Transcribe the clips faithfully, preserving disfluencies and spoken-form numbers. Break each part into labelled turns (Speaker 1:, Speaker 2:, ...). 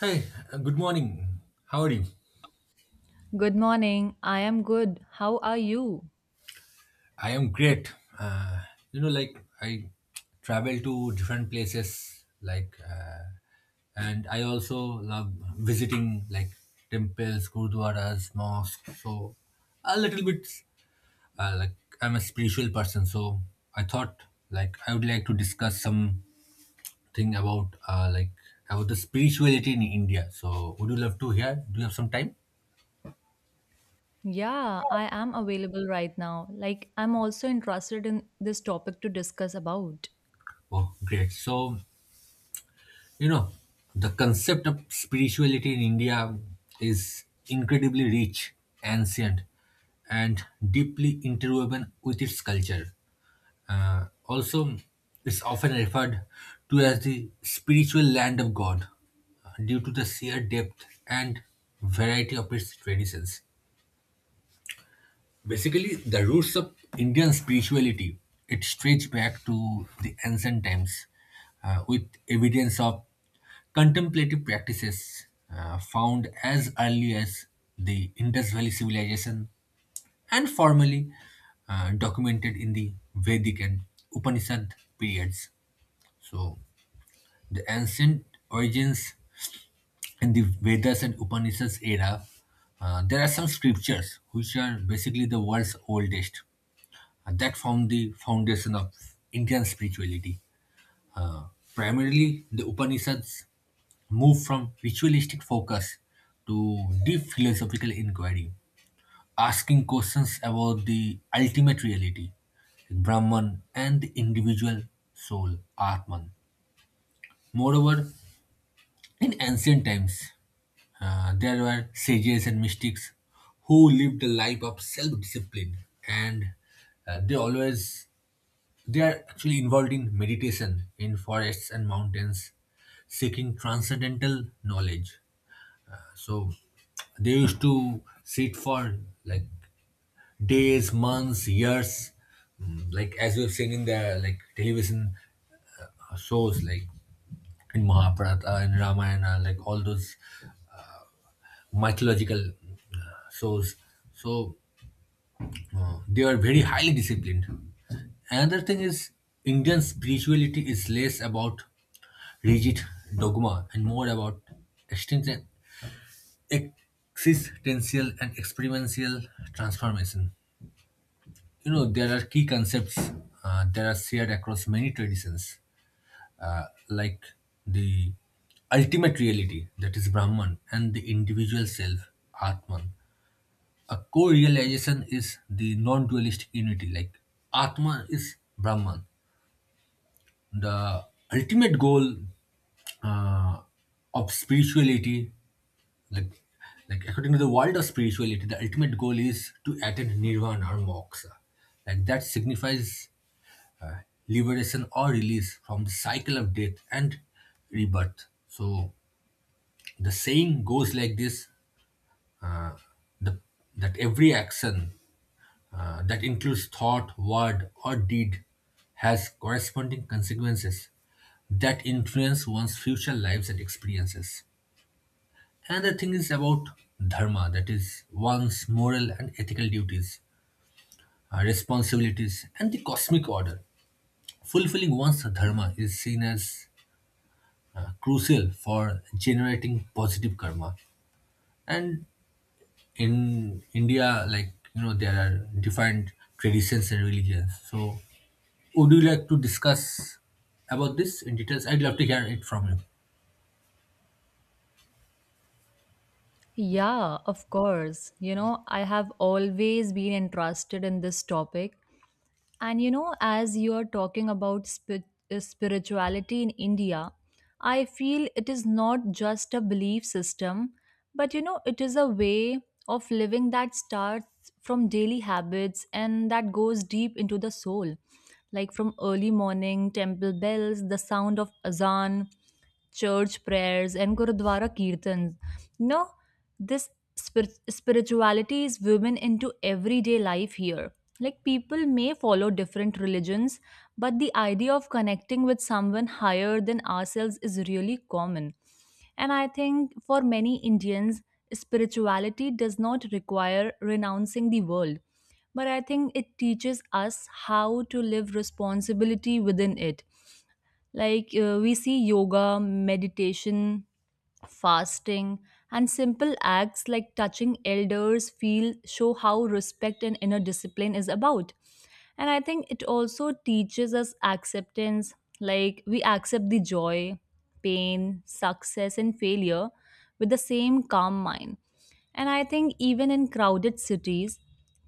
Speaker 1: Hi, uh, good morning. How are you?
Speaker 2: Good morning. I am good. How are you?
Speaker 1: I am great. Uh, you know, like I travel to different places, like, uh, and I also love visiting like temples, gurdwaras, mosques. So, a little bit uh, like I'm a spiritual person. So, I thought like I would like to discuss something about uh, like about the spirituality in India. So, would you love to hear? Do you have some time?
Speaker 2: Yeah, I am available right now. Like, I'm also interested in this topic to discuss about.
Speaker 1: Oh, great. So, You know, the concept of spirituality in India is incredibly rich, ancient, and deeply interwoven with its culture. Uh, also, it's often referred to as the spiritual land of God uh, due to the sheer depth and variety of its traditions. Basically, the roots of Indian spirituality it stretch back to the ancient times, uh, with evidence of contemplative practices uh, found as early as the Indus Valley civilization and formally uh, documented in the Vedic and Upanishad periods. So, the ancient origins in the Vedas and Upanishads era, uh, there are some scriptures which are basically the world's oldest. Uh, that formed the foundation of Indian spirituality. Uh, primarily, the Upanishads moved from ritualistic focus to deep philosophical inquiry, asking questions about the ultimate reality, like Brahman and the individual soul, Atman. Moreover, in ancient times, uh, there were sages and mystics who lived a life of self discipline and uh, they always They are actually involved in meditation in forests and mountains, seeking transcendental knowledge. So they used to sit for like days, months, years, mm, like as we've seen in the like television uh, shows, like in Mahabharata and Ramayana, like all those mythological uh, shows. So Uh, they are very highly disciplined. Another thing is Indian spirituality is less about rigid dogma and more about existen- existential and experiential transformation. You know, there are key concepts uh, that are shared across many traditions, uh, like the ultimate reality, that is Brahman, and the individual self, Atman. A core realization is the non dualistic unity, like Atma is Brahman. The ultimate goal uh, of spirituality, like, like according to the world of spirituality, the ultimate goal is to attain nirvana or moksha. Like that signifies uh, liberation or release from the cycle of death and rebirth. So the saying goes like this uh, the, that every action uh, that includes thought, word, or deed has corresponding consequences that influence one's future lives and experiences. And the thing is about dharma, that is, one's moral and ethical duties, uh, responsibilities, and the cosmic order. Fulfilling one's dharma is seen as uh, crucial for generating positive karma. And in India, like you know, there are different traditions and religions. So, would you like to discuss about this in details? I'd love to hear it from you.
Speaker 2: Yeah, of course. You know, I have always been interested in this topic. And you know, as you are talking about spi- uh, spirituality in India, I feel it is not just a belief system, but you know, it is a way of living that starts from daily habits and that goes deep into the soul. Like from early morning temple bells, the sound of azan, church prayers, and gurudwara kirtans. You know, this spir- spirituality is woven into everyday life here. Like people may follow different religions, but the idea of connecting with someone higher than ourselves is really common. And I think for many Indians, spirituality does not require renouncing the world, but I think it teaches us how to live responsibility within it. Like uh, we see yoga, meditation, fasting, and simple acts like touching elders feel show how respect and inner discipline is about. And I think it also teaches us acceptance, like we accept the joy, pain, success, and failure with the same calm mind. And I think even in crowded cities,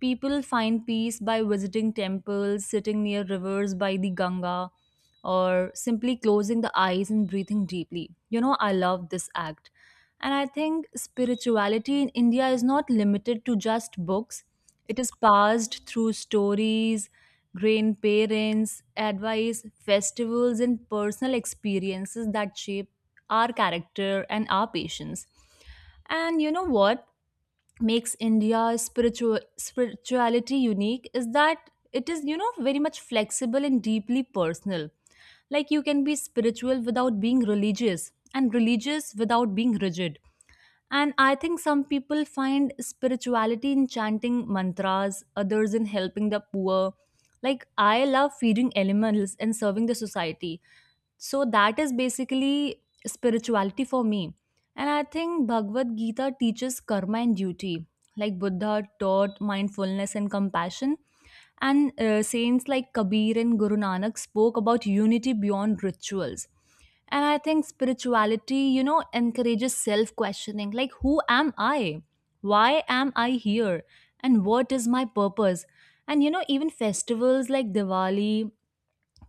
Speaker 2: people find peace by visiting temples, sitting near rivers by the Ganga, or simply closing the eyes and breathing deeply. You know, I love this act. And I think spirituality in India is not limited to just books, it is passed through stories, grandparents, advice, festivals, and personal experiences that shape our character and our patience. And you know what makes India's spiritual spirituality unique is that it is, you know, very much flexible and deeply personal. Like you can be spiritual without being religious and religious without being rigid. And I think some people find spirituality in chanting mantras, others in helping the poor. Like, I love feeding animals and serving the society. So, that is basically spirituality for me. And I think Bhagavad Gita teaches karma and duty. Like, Buddha taught mindfulness and compassion. And uh, saints like Kabir and Guru Nanak spoke about unity beyond rituals. And I think spirituality, you know, encourages self questioning like, who am I? Why am I here? And what is my purpose? And, you know, even festivals like Diwali,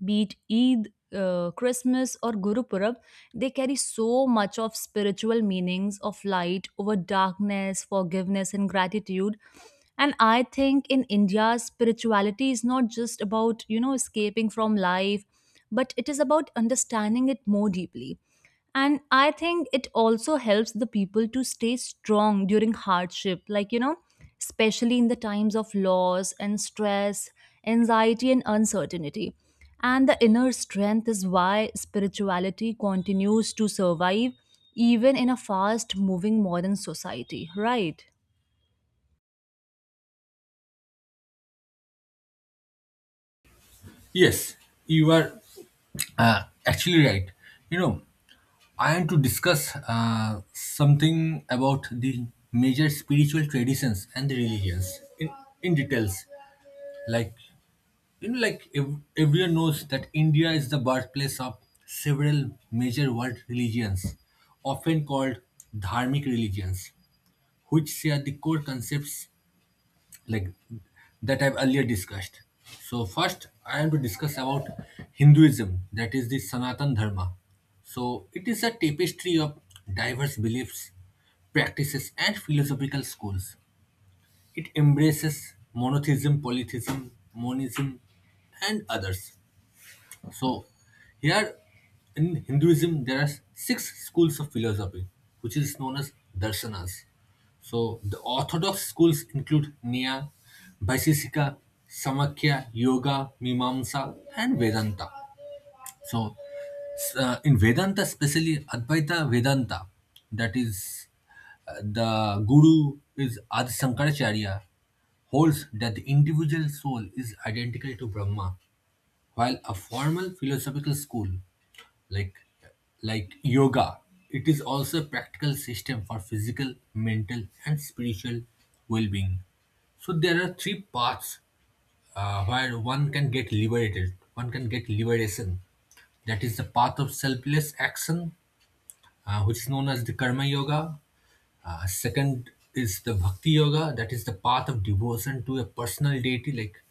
Speaker 2: be it Eid, uh, Christmas, or Guru Purab, they carry so much of spiritual meanings of light over darkness, forgiveness, and gratitude. And I think in India, spirituality is not just about, you know, escaping from life, but it is about understanding it more deeply. And I think it also helps the people to stay strong during hardship, like, you know, especially in the times of loss and stress, anxiety, and uncertainty. And the inner strength is why spirituality continues to survive even in a fast moving modern society, right?
Speaker 1: Yes, you are uh, actually right. You know, I am to discuss uh, something about the major spiritual traditions and the religions in, in details. Like You know, like ev- everyone knows that India is the birthplace of several major world religions, often called dharmic religions, which share the core concepts like that I've earlier discussed. So first, I am to discuss about Hinduism, that is the Sanatan Dharma. So it is a tapestry of diverse beliefs, practices, and philosophical schools. It embraces monotheism, polytheism, monism, and others. So, here in Hinduism, there are six schools of philosophy, which is known as darshanas. So, the orthodox schools include Nya, Vaisheshika, Samakya, Yoga, Mimamsa, and Vedanta. So, s- uh, in Vedanta, especially Advaita Vedanta, that is, uh, the guru is Adi Shankaracharya, holds that the individual soul is identical to Brahma, while a formal philosophical school like like yoga, it is also a practical system for physical, mental, and spiritual well-being. So there are three paths uh, where one can get liberated. One can get liberation. That is the path of selfless action, uh, which is known as the karma yoga. Uh, second is the bhakti yoga. That is the path of devotion to a personal deity like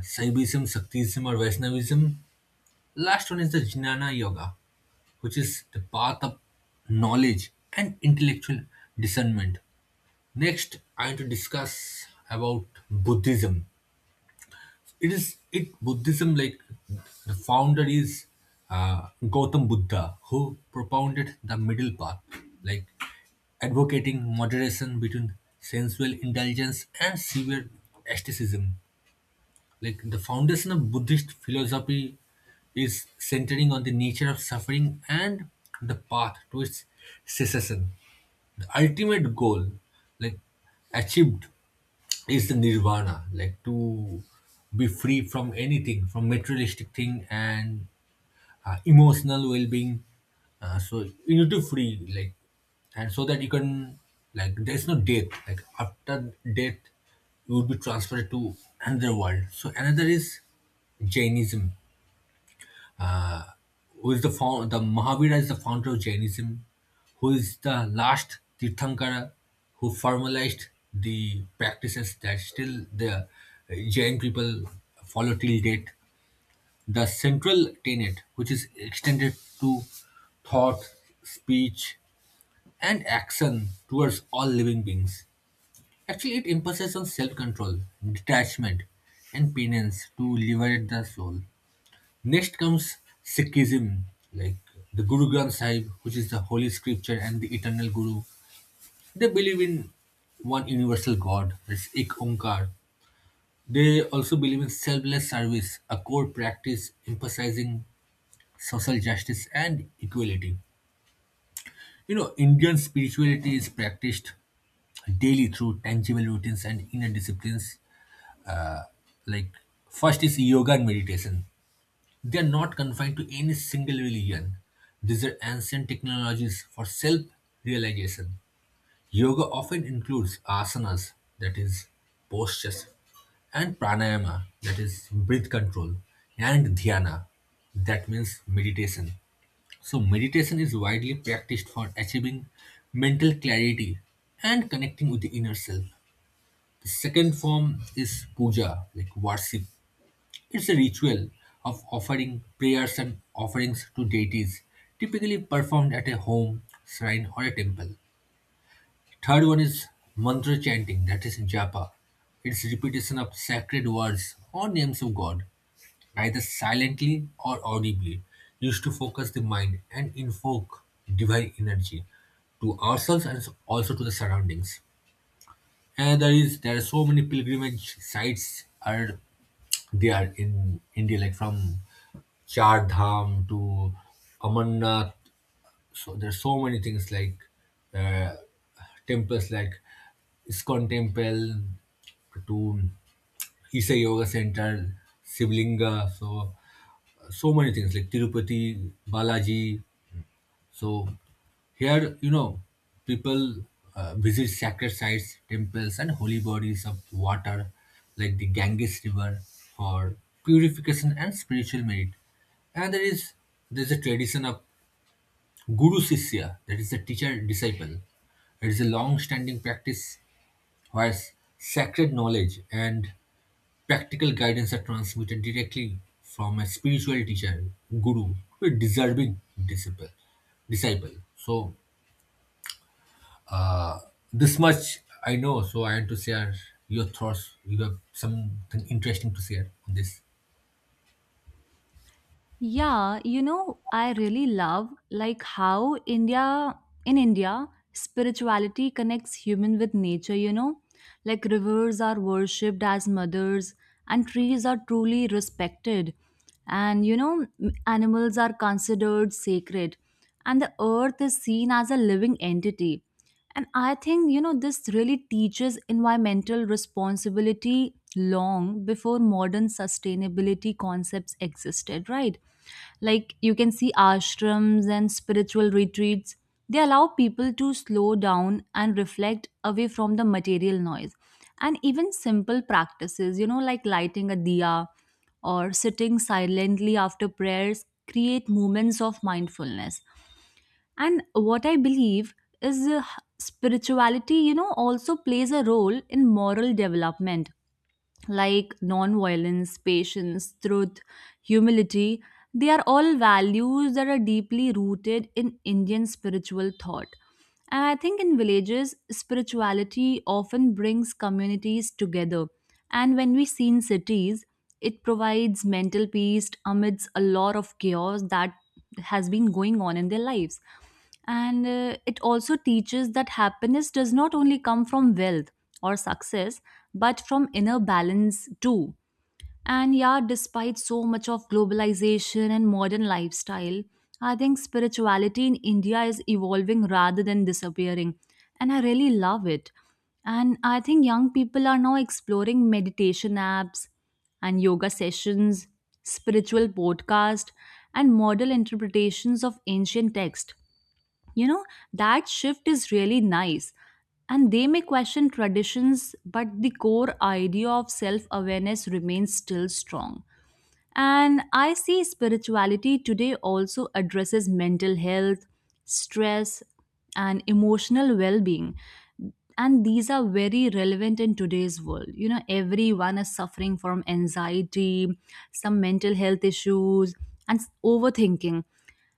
Speaker 1: Saivism, Shaktism, or Vaishnavism. Last one is the Jnana Yoga, which is the path of knowledge and intellectual discernment. Next, I want to discuss about Buddhism. It is it Buddhism, like the founder is uh, Gautam Buddha, who propounded the middle path, like advocating moderation between sensual indulgence and severe asceticism. Like the foundation of Buddhist philosophy is centering on the nature of suffering and the path to its cessation. The ultimate goal, like achieved, is the nirvana, like to be free from anything, from materialistic thing and uh, emotional well-being, uh, so you need to free, like, and so that you can, like, there's no death, like after death you would be transferred to another world. So another is Jainism. Who is the found the Mahavira is the founder of Jainism, who is the last tirthankara, who formalized the practices that still the uh, Jain people follow till date. The central tenet, which is extended to thought, speech, and action towards all living beings, actually it emphasizes on self-control, detachment, and penance to liberate the soul. Next comes Sikhism, like the Guru Granth Sahib, which is the holy scripture and the eternal Guru. They believe in one universal God, that's Ik Onkar. They also believe in selfless service, a core practice emphasizing social justice and equality. You know, Indian spirituality is practiced daily through tangible routines and inner disciplines. Uh, like, first is yoga and meditation. They are not confined to any single religion. These are ancient technologies for self realization. Yoga often includes asanas, that is, postures, and pranayama, that is, breath control, and dhyana, that means meditation. So, meditation is widely practiced for achieving mental clarity and connecting with the inner self. The second form is puja, like worship. It's a ritual of offering prayers and offerings to deities, typically performed at a home, shrine, or a temple. Third one is mantra chanting, that is japa. It's repetition of sacred words or names of God, either silently or audibly, used to focus the mind and invoke divine energy to ourselves and also to the surroundings. And there is there are so many pilgrimage sites are there in India, like from Char Dham to Amarnath. So there's so many things like uh, temples like Iskon Temple to Isha Yoga Center, Sivlinga. So so many things like Tirupati, Balaji. So here, you know, people uh, visit sacred sites, temples, and holy bodies of water like the Ganges River for purification and spiritual merit. And there is there's a tradition of Guru Sisya, that is the teacher disciple. It is a long standing practice where sacred knowledge and practical guidance are transmitted directly from a spiritual teacher, guru, to a deserving disciple. disciple. So this much I know. So I want to share your thoughts. You have something interesting to share on this.
Speaker 2: Yeah, you know, I really love like how India in India spirituality connects human with nature, you know? Like rivers are worshipped as mothers and trees are truly respected. And you know, m- animals are considered sacred and the earth is seen as a living entity. And I think, you know, this really teaches environmental responsibility long before modern sustainability concepts existed, right? Like you can see ashrams and spiritual retreats, they allow people to slow down and reflect away from the material noise. And even simple practices, you know, like lighting a diya or sitting silently after prayers, create moments of mindfulness. And what I believe is uh, spirituality, you know, also plays a role in moral development, like non violence, patience, truth, humility. They are all values that are deeply rooted in Indian spiritual thought. And I think in villages, spirituality often brings communities together. And when we see in cities, it provides mental peace amidst a lot of chaos that has been going on in their lives. And uh, it also teaches that happiness does not only come from wealth or success, but from inner balance too. And yeah, despite so much of globalization and modern lifestyle, I think spirituality in India is evolving rather than disappearing. And I really love it. And I think young people are now exploring meditation apps and yoga sessions, spiritual podcast, and model interpretations of ancient text. You know, that shift is really nice. And they may question traditions, but the core idea of self awareness remains still strong. And I see spirituality today also addresses mental health, stress, and emotional well being. And these are very relevant in today's world. You know, everyone is suffering from anxiety, some mental health issues, and s- overthinking.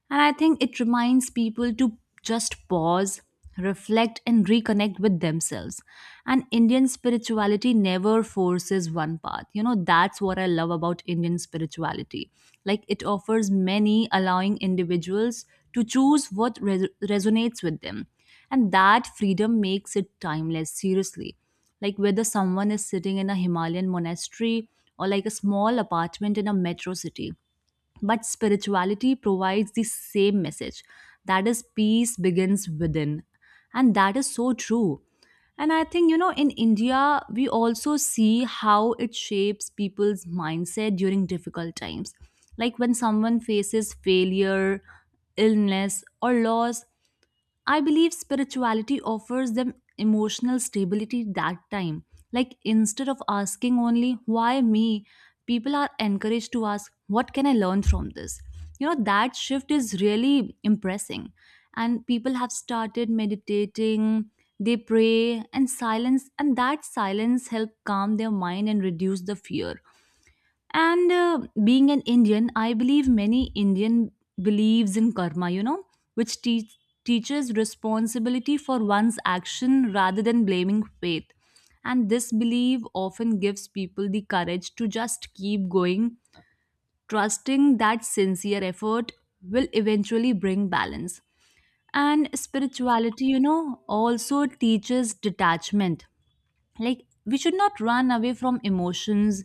Speaker 2: And I think it reminds people to just pause, reflect, and reconnect with themselves. And Indian spirituality never forces one path. You know, that's what I love about Indian spirituality. Like, it offers many, allowing individuals to choose what res- resonates with them. And that freedom makes it timeless, seriously. Like, whether someone is sitting in a Himalayan monastery or like a small apartment in a metro city, but spirituality provides the same message, that is, peace begins within. And that is so true. And I think, you know, in India, we also see how it shapes people's mindset during difficult times. Like when someone faces failure, illness, or loss, I believe spirituality offers them emotional stability that time. Like instead of asking only why me, people are encouraged to ask what can I learn from this. You know that shift is really impressing, and people have started meditating, they pray and silence, and that silence help calm their mind and reduce the fear. And uh, Being an Indian, I believe many Indian believes in karma, you know, which te- teaches responsibility for one's action rather than blaming fate. And this belief often gives people the courage to just keep going, trusting that sincere effort will eventually bring balance. And spirituality, you know, also teaches detachment, like we should not run away from emotions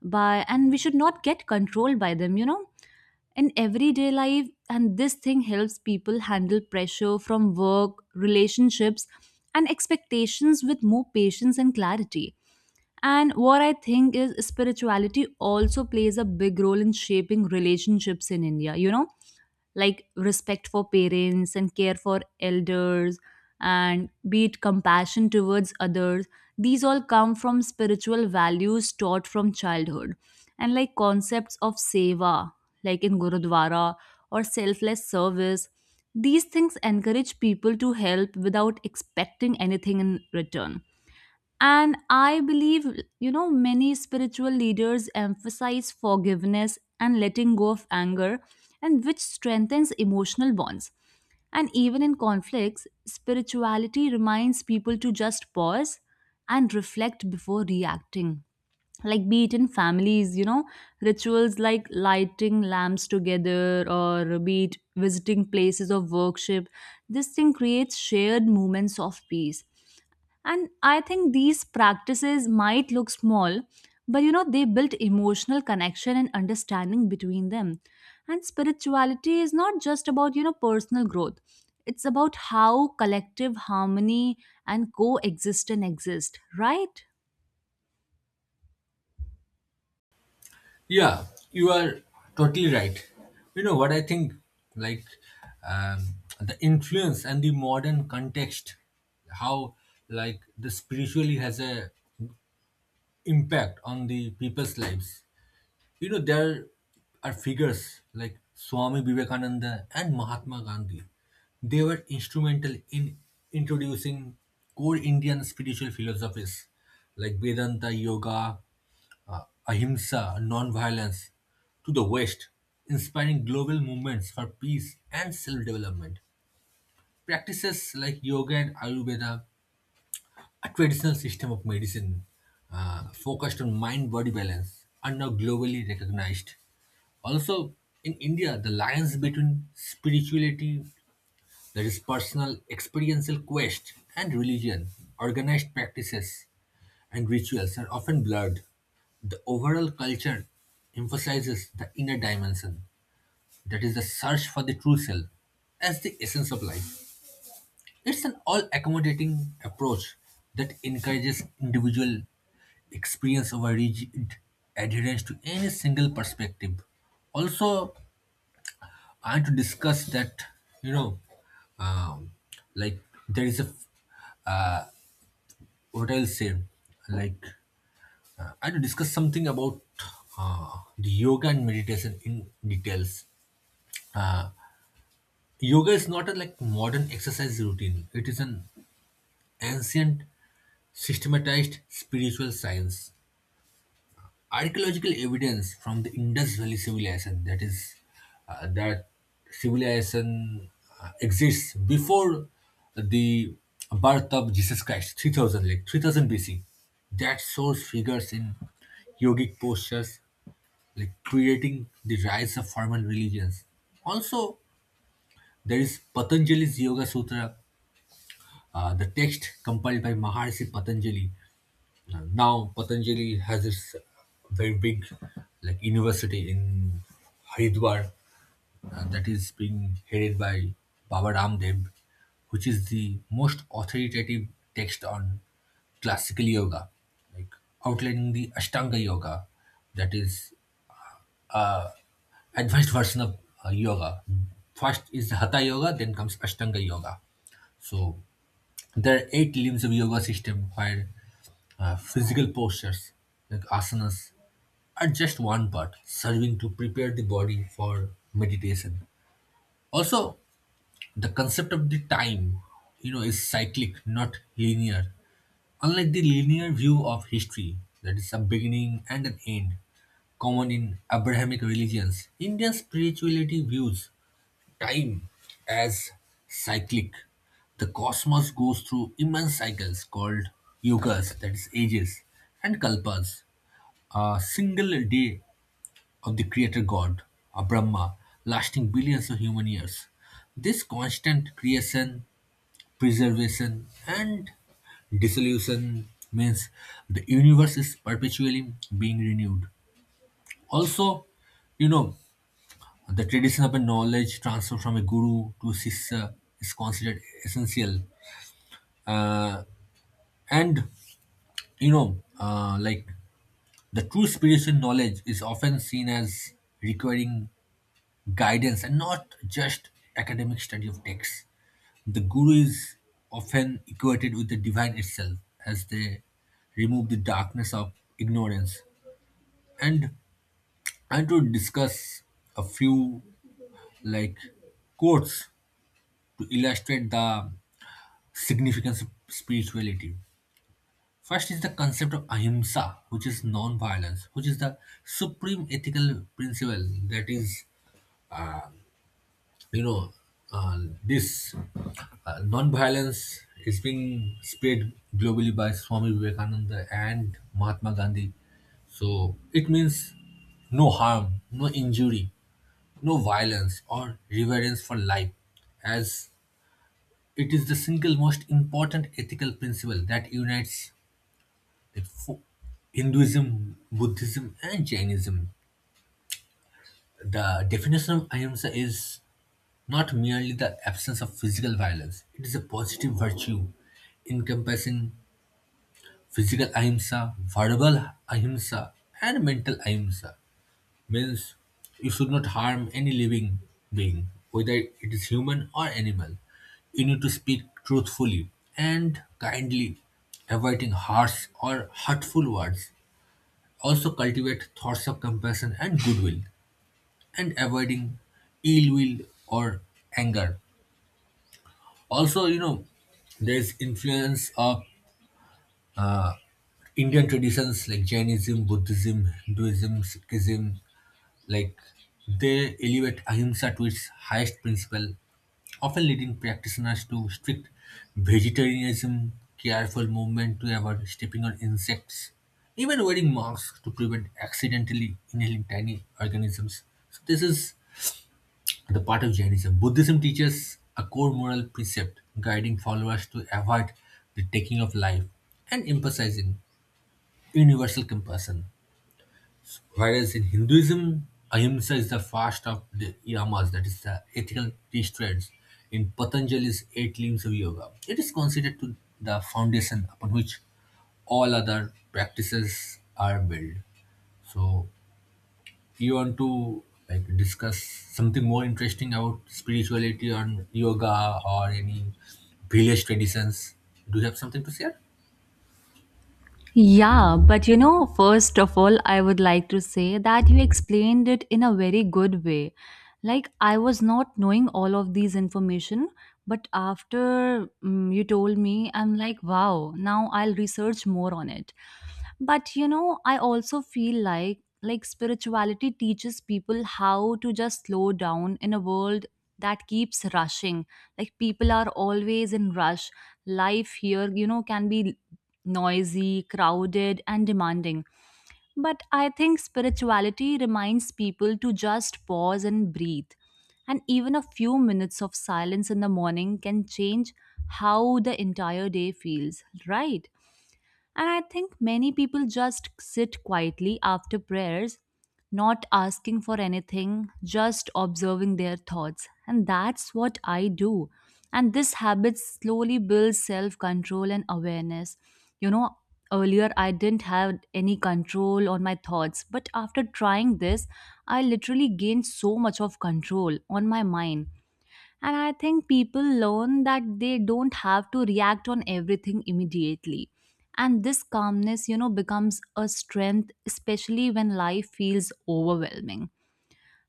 Speaker 2: by, and we should not get controlled by them, you know, in everyday life. And this thing helps people handle pressure from work relationships and expectations with more patience and clarity. And what I think is spirituality also plays a big role in shaping relationships in India, you know, like respect for parents and care for elders, and be it compassion towards others, these all come from spiritual values taught from childhood. And like concepts of seva, like in gurudwara, or selfless service, these things encourage people to help without expecting anything in return. And I believe, you know, many spiritual leaders emphasize forgiveness and letting go of anger, and which strengthens emotional bonds. And even in conflicts, spirituality reminds people to just pause and reflect before reacting. Like, be it in families, you know, rituals like lighting lamps together, or be it visiting places of worship, this thing creates shared moments of peace. And I think these practices might look small, but you know, they build emotional connection and understanding between them. And spirituality is not just about, you know, personal growth, it's about how collective harmony and coexistence exist, right?
Speaker 1: Yeah, you are totally right. You know what I think, like um, the influence and the modern context, how like the spiritually has a impact on the people's lives. You know, there are figures like Swami Vivekananda and Mahatma Gandhi. They were instrumental in introducing core Indian spiritual philosophies like Vedanta, Yoga, uh, Ahimsa, non violence to the West, inspiring global movements for peace and self development. Practices like yoga and Ayurveda, a traditional system of medicine uh, focused on mind body balance, are now globally recognized. Also, in India, the alliance between spirituality, that is personal experiential quest, and religion, organized practices, and rituals are often blurred. The overall culture emphasizes the inner dimension, that is, the search for the true self, as the essence of life. It's an all-accommodating approach that encourages individual experience over rigid adherence to any single perspective. Also, I want to discuss that, you know, um, like there is a what I'll say, like uh, I want to discuss something about uh, the yoga and meditation in details. Yoga is not a like modern exercise routine. It is an ancient systematized spiritual science, archaeological evidence from the Indus Valley civilization, that is uh, that civilization uh, exists before the birth of Jesus Christ three thousand, like three thousand B C, that source figures in yogic postures like creating the rise of formal religions. Also, there is Patanjali's Yoga Sutra, uh, the text compiled by Maharishi Patanjali. Now Patanjali has its very big like university in Haridwar, uh, that is being headed by Baba Ramdev, which is the most authoritative text on classical yoga, like outlining the Ashtanga yoga, that is advanced version of uh, yoga. First is Hatha yoga, then comes Ashtanga yoga. So there are eight limbs of yoga system where uh, physical postures like asanas at just one part, serving to prepare the body for meditation. Also, the concept of the time, you know, is cyclic, not linear. Unlike the linear view of history, that is a beginning and an end, common in Abrahamic religions, Indian spirituality views time as cyclic. The cosmos goes through immense cycles called yugas, that is ages, and kalpas. A single day of the creator god, a Brahma, lasting billions of human years. This constant creation, preservation, and dissolution means the universe is perpetually being renewed. Also, you know, the tradition of a knowledge transfer from a guru to sisya is considered essential. Uh, and, you know, uh, like the true spiritual knowledge is often seen as requiring guidance and not just academic study of texts. The guru is often equated with the divine itself, as they remove the darkness of ignorance. And I want to discuss a few like quotes to illustrate the significance of spirituality. First is the concept of ahimsa, which is non-violence, which is the supreme ethical principle, that is, you know, uh, this uh, non-violence is being spread globally by Swami Vivekananda and Mahatma Gandhi. So it means no harm, no injury, no violence or reverence for life, as it is the single most important ethical principle that unites the fo- Hinduism, Buddhism, and Jainism. The definition of ahimsa is not merely the absence of physical violence, it is a positive virtue encompassing physical ahimsa, verbal ahimsa, and mental ahimsa. Means you should not harm any living being, whether it is human or animal. You need to speak truthfully and kindly, avoiding harsh or hurtful words. Also, cultivate thoughts of compassion and goodwill and avoiding ill will or anger. Also, you know, there's influence of Indian traditions like Jainism, Buddhism, Hinduism, Sikhism. Like they elevate ahimsa to its highest principle, often leading practitioners to strict vegetarianism, careful movement to avoid stepping on insects, even wearing masks to prevent accidentally inhaling tiny organisms. So this is the part of Jainism. Buddhism teaches a core moral precept guiding followers to avoid the taking of life and emphasizing universal compassion. Whereas in Hinduism, Ahimsa is the fast of the yamas, that is the ethical restraints in Patanjali's eight limbs of yoga. It is considered to the foundation upon which all other practices are built. So you want to like discuss something more interesting about spirituality and yoga or any village traditions? Do you have something to share?
Speaker 2: Yeah, but you know, first of all, I would like to say that you explained it in a very good way. Like, I was not knowing all of these information, but after mm, you told me, I'm like, wow, now I'll research more on it. But you know, I also feel like like spirituality teaches people how to just slow down in a world that keeps rushing. Like people are always in rush. Life here, you know, can be noisy, crowded, and demanding. But I think spirituality reminds people to just pause and breathe. And even a few minutes of silence in the morning can change how the entire day feels, right? And I think many people just sit quietly after prayers, not asking for anything, just observing their thoughts. And that's what I do. And this habit slowly builds self control and awareness. You know, earlier I didn't have any control on my thoughts, but after trying this, I literally gained so much of control on my mind. And I think people learn that they don't have to react on everything immediately. And this calmness, you know, becomes a strength, especially when life feels overwhelming.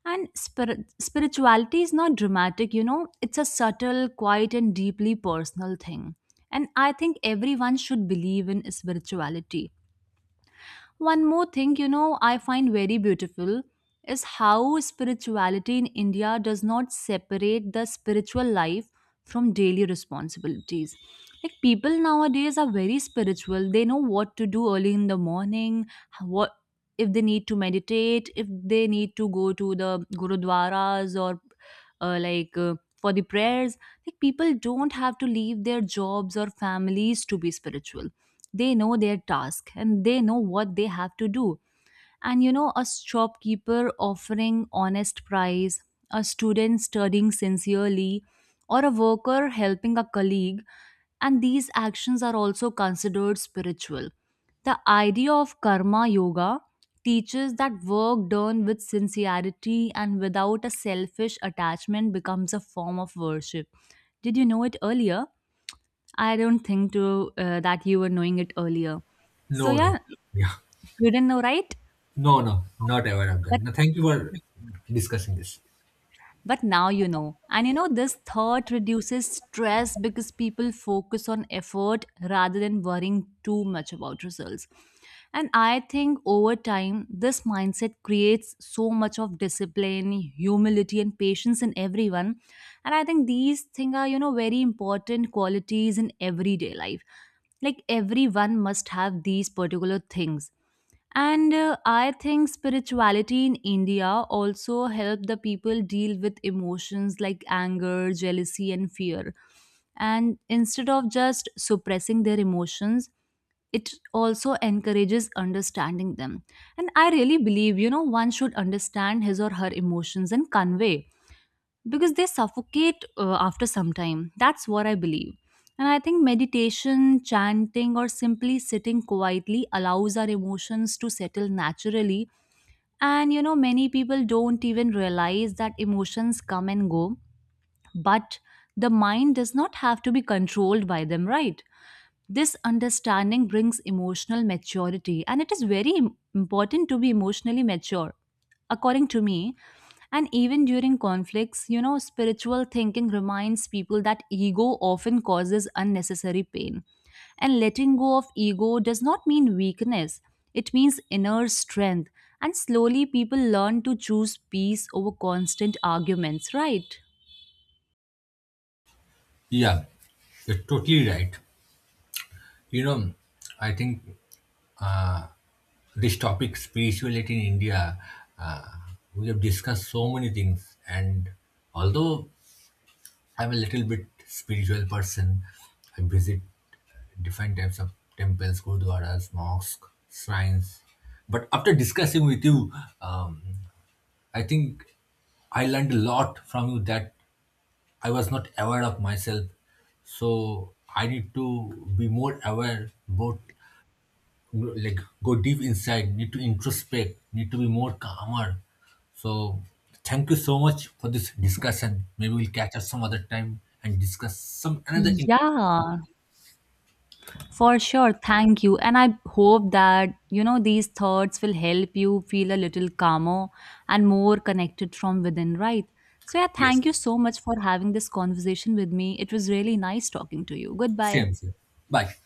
Speaker 2: And spir- spirituality is not dramatic, you know, it's a subtle, quiet, and deeply personal thing. And I think everyone should believe in spirituality. One more thing, you know, I find very beautiful is how spirituality in India does not separate the spiritual life from daily responsibilities. Like people nowadays are very spiritual. They know what to do early in the morning, what if they need to meditate, if they need to go to the gurudwaras or uh, like uh, for the prayers. Like people don't have to leave their jobs or families to be spiritual, they know their task and they know what they have to do. And you know, a shopkeeper offering honest price, a student studying sincerely, or a worker helping a colleague, and these actions are also considered spiritual. The idea of karma yoga teaches that work done with sincerity and without a selfish attachment becomes a form of worship. Did you know it earlier? I don't think to uh, that you were knowing it earlier. So
Speaker 1: No,
Speaker 2: yeah,
Speaker 1: no. Yeah.
Speaker 2: you didn't know, right?
Speaker 1: No, no, not aware of that.
Speaker 2: But
Speaker 1: No, thank you for discussing this.
Speaker 2: but now you know. And you know this thought reduces stress because people focus on effort rather than worrying too much about results. And I think over time this mindset creates so much of discipline, humility, and patience in everyone. And I think these things are, you know, very important qualities in everyday life, like everyone must have these particular things. And uh, I think spirituality in India also helped the people deal with emotions like anger, jealousy, and fear. And instead of just suppressing their emotions, it also encourages understanding them. And I really believe, you know, one should understand his or her emotions and convey because they suffocate uh, after some time. That's what I believe. And I think meditation, chanting, or simply sitting quietly allows our emotions to settle naturally. And you know, many people don't even realize that emotions come and go, but the mind does not have to be controlled by them, right? This understanding brings emotional maturity, and it is very im- important to be emotionally mature, according to me. And even during conflicts, you know, spiritual thinking reminds people that ego often causes unnecessary pain. And letting go of ego does not mean weakness, it means inner strength. And slowly, people learn to choose peace over constant arguments, right?
Speaker 1: Yeah, you're totally right. You know, I think this topic spirituality in India, uh, we have discussed so many things, and although I'm a little bit spiritual person, I visit different types of temples, gurdwaras, mosques, shrines. But after discussing with you, um, I think I learned a lot from you that I was not aware of myself. So I need to be more aware, both like go deep inside, need to introspect, need to be more calmer. So thank you so much for this discussion. Maybe we'll catch up some other time and discuss some another. In-
Speaker 2: Yeah, for sure, thank you. And I hope that, you know, these thoughts will help you feel a little calmer and more connected from within, right? So, yeah,
Speaker 1: yes,
Speaker 2: thank you so much for having this conversation with me. It was really nice talking to you. Goodbye.
Speaker 1: same, same. Bye.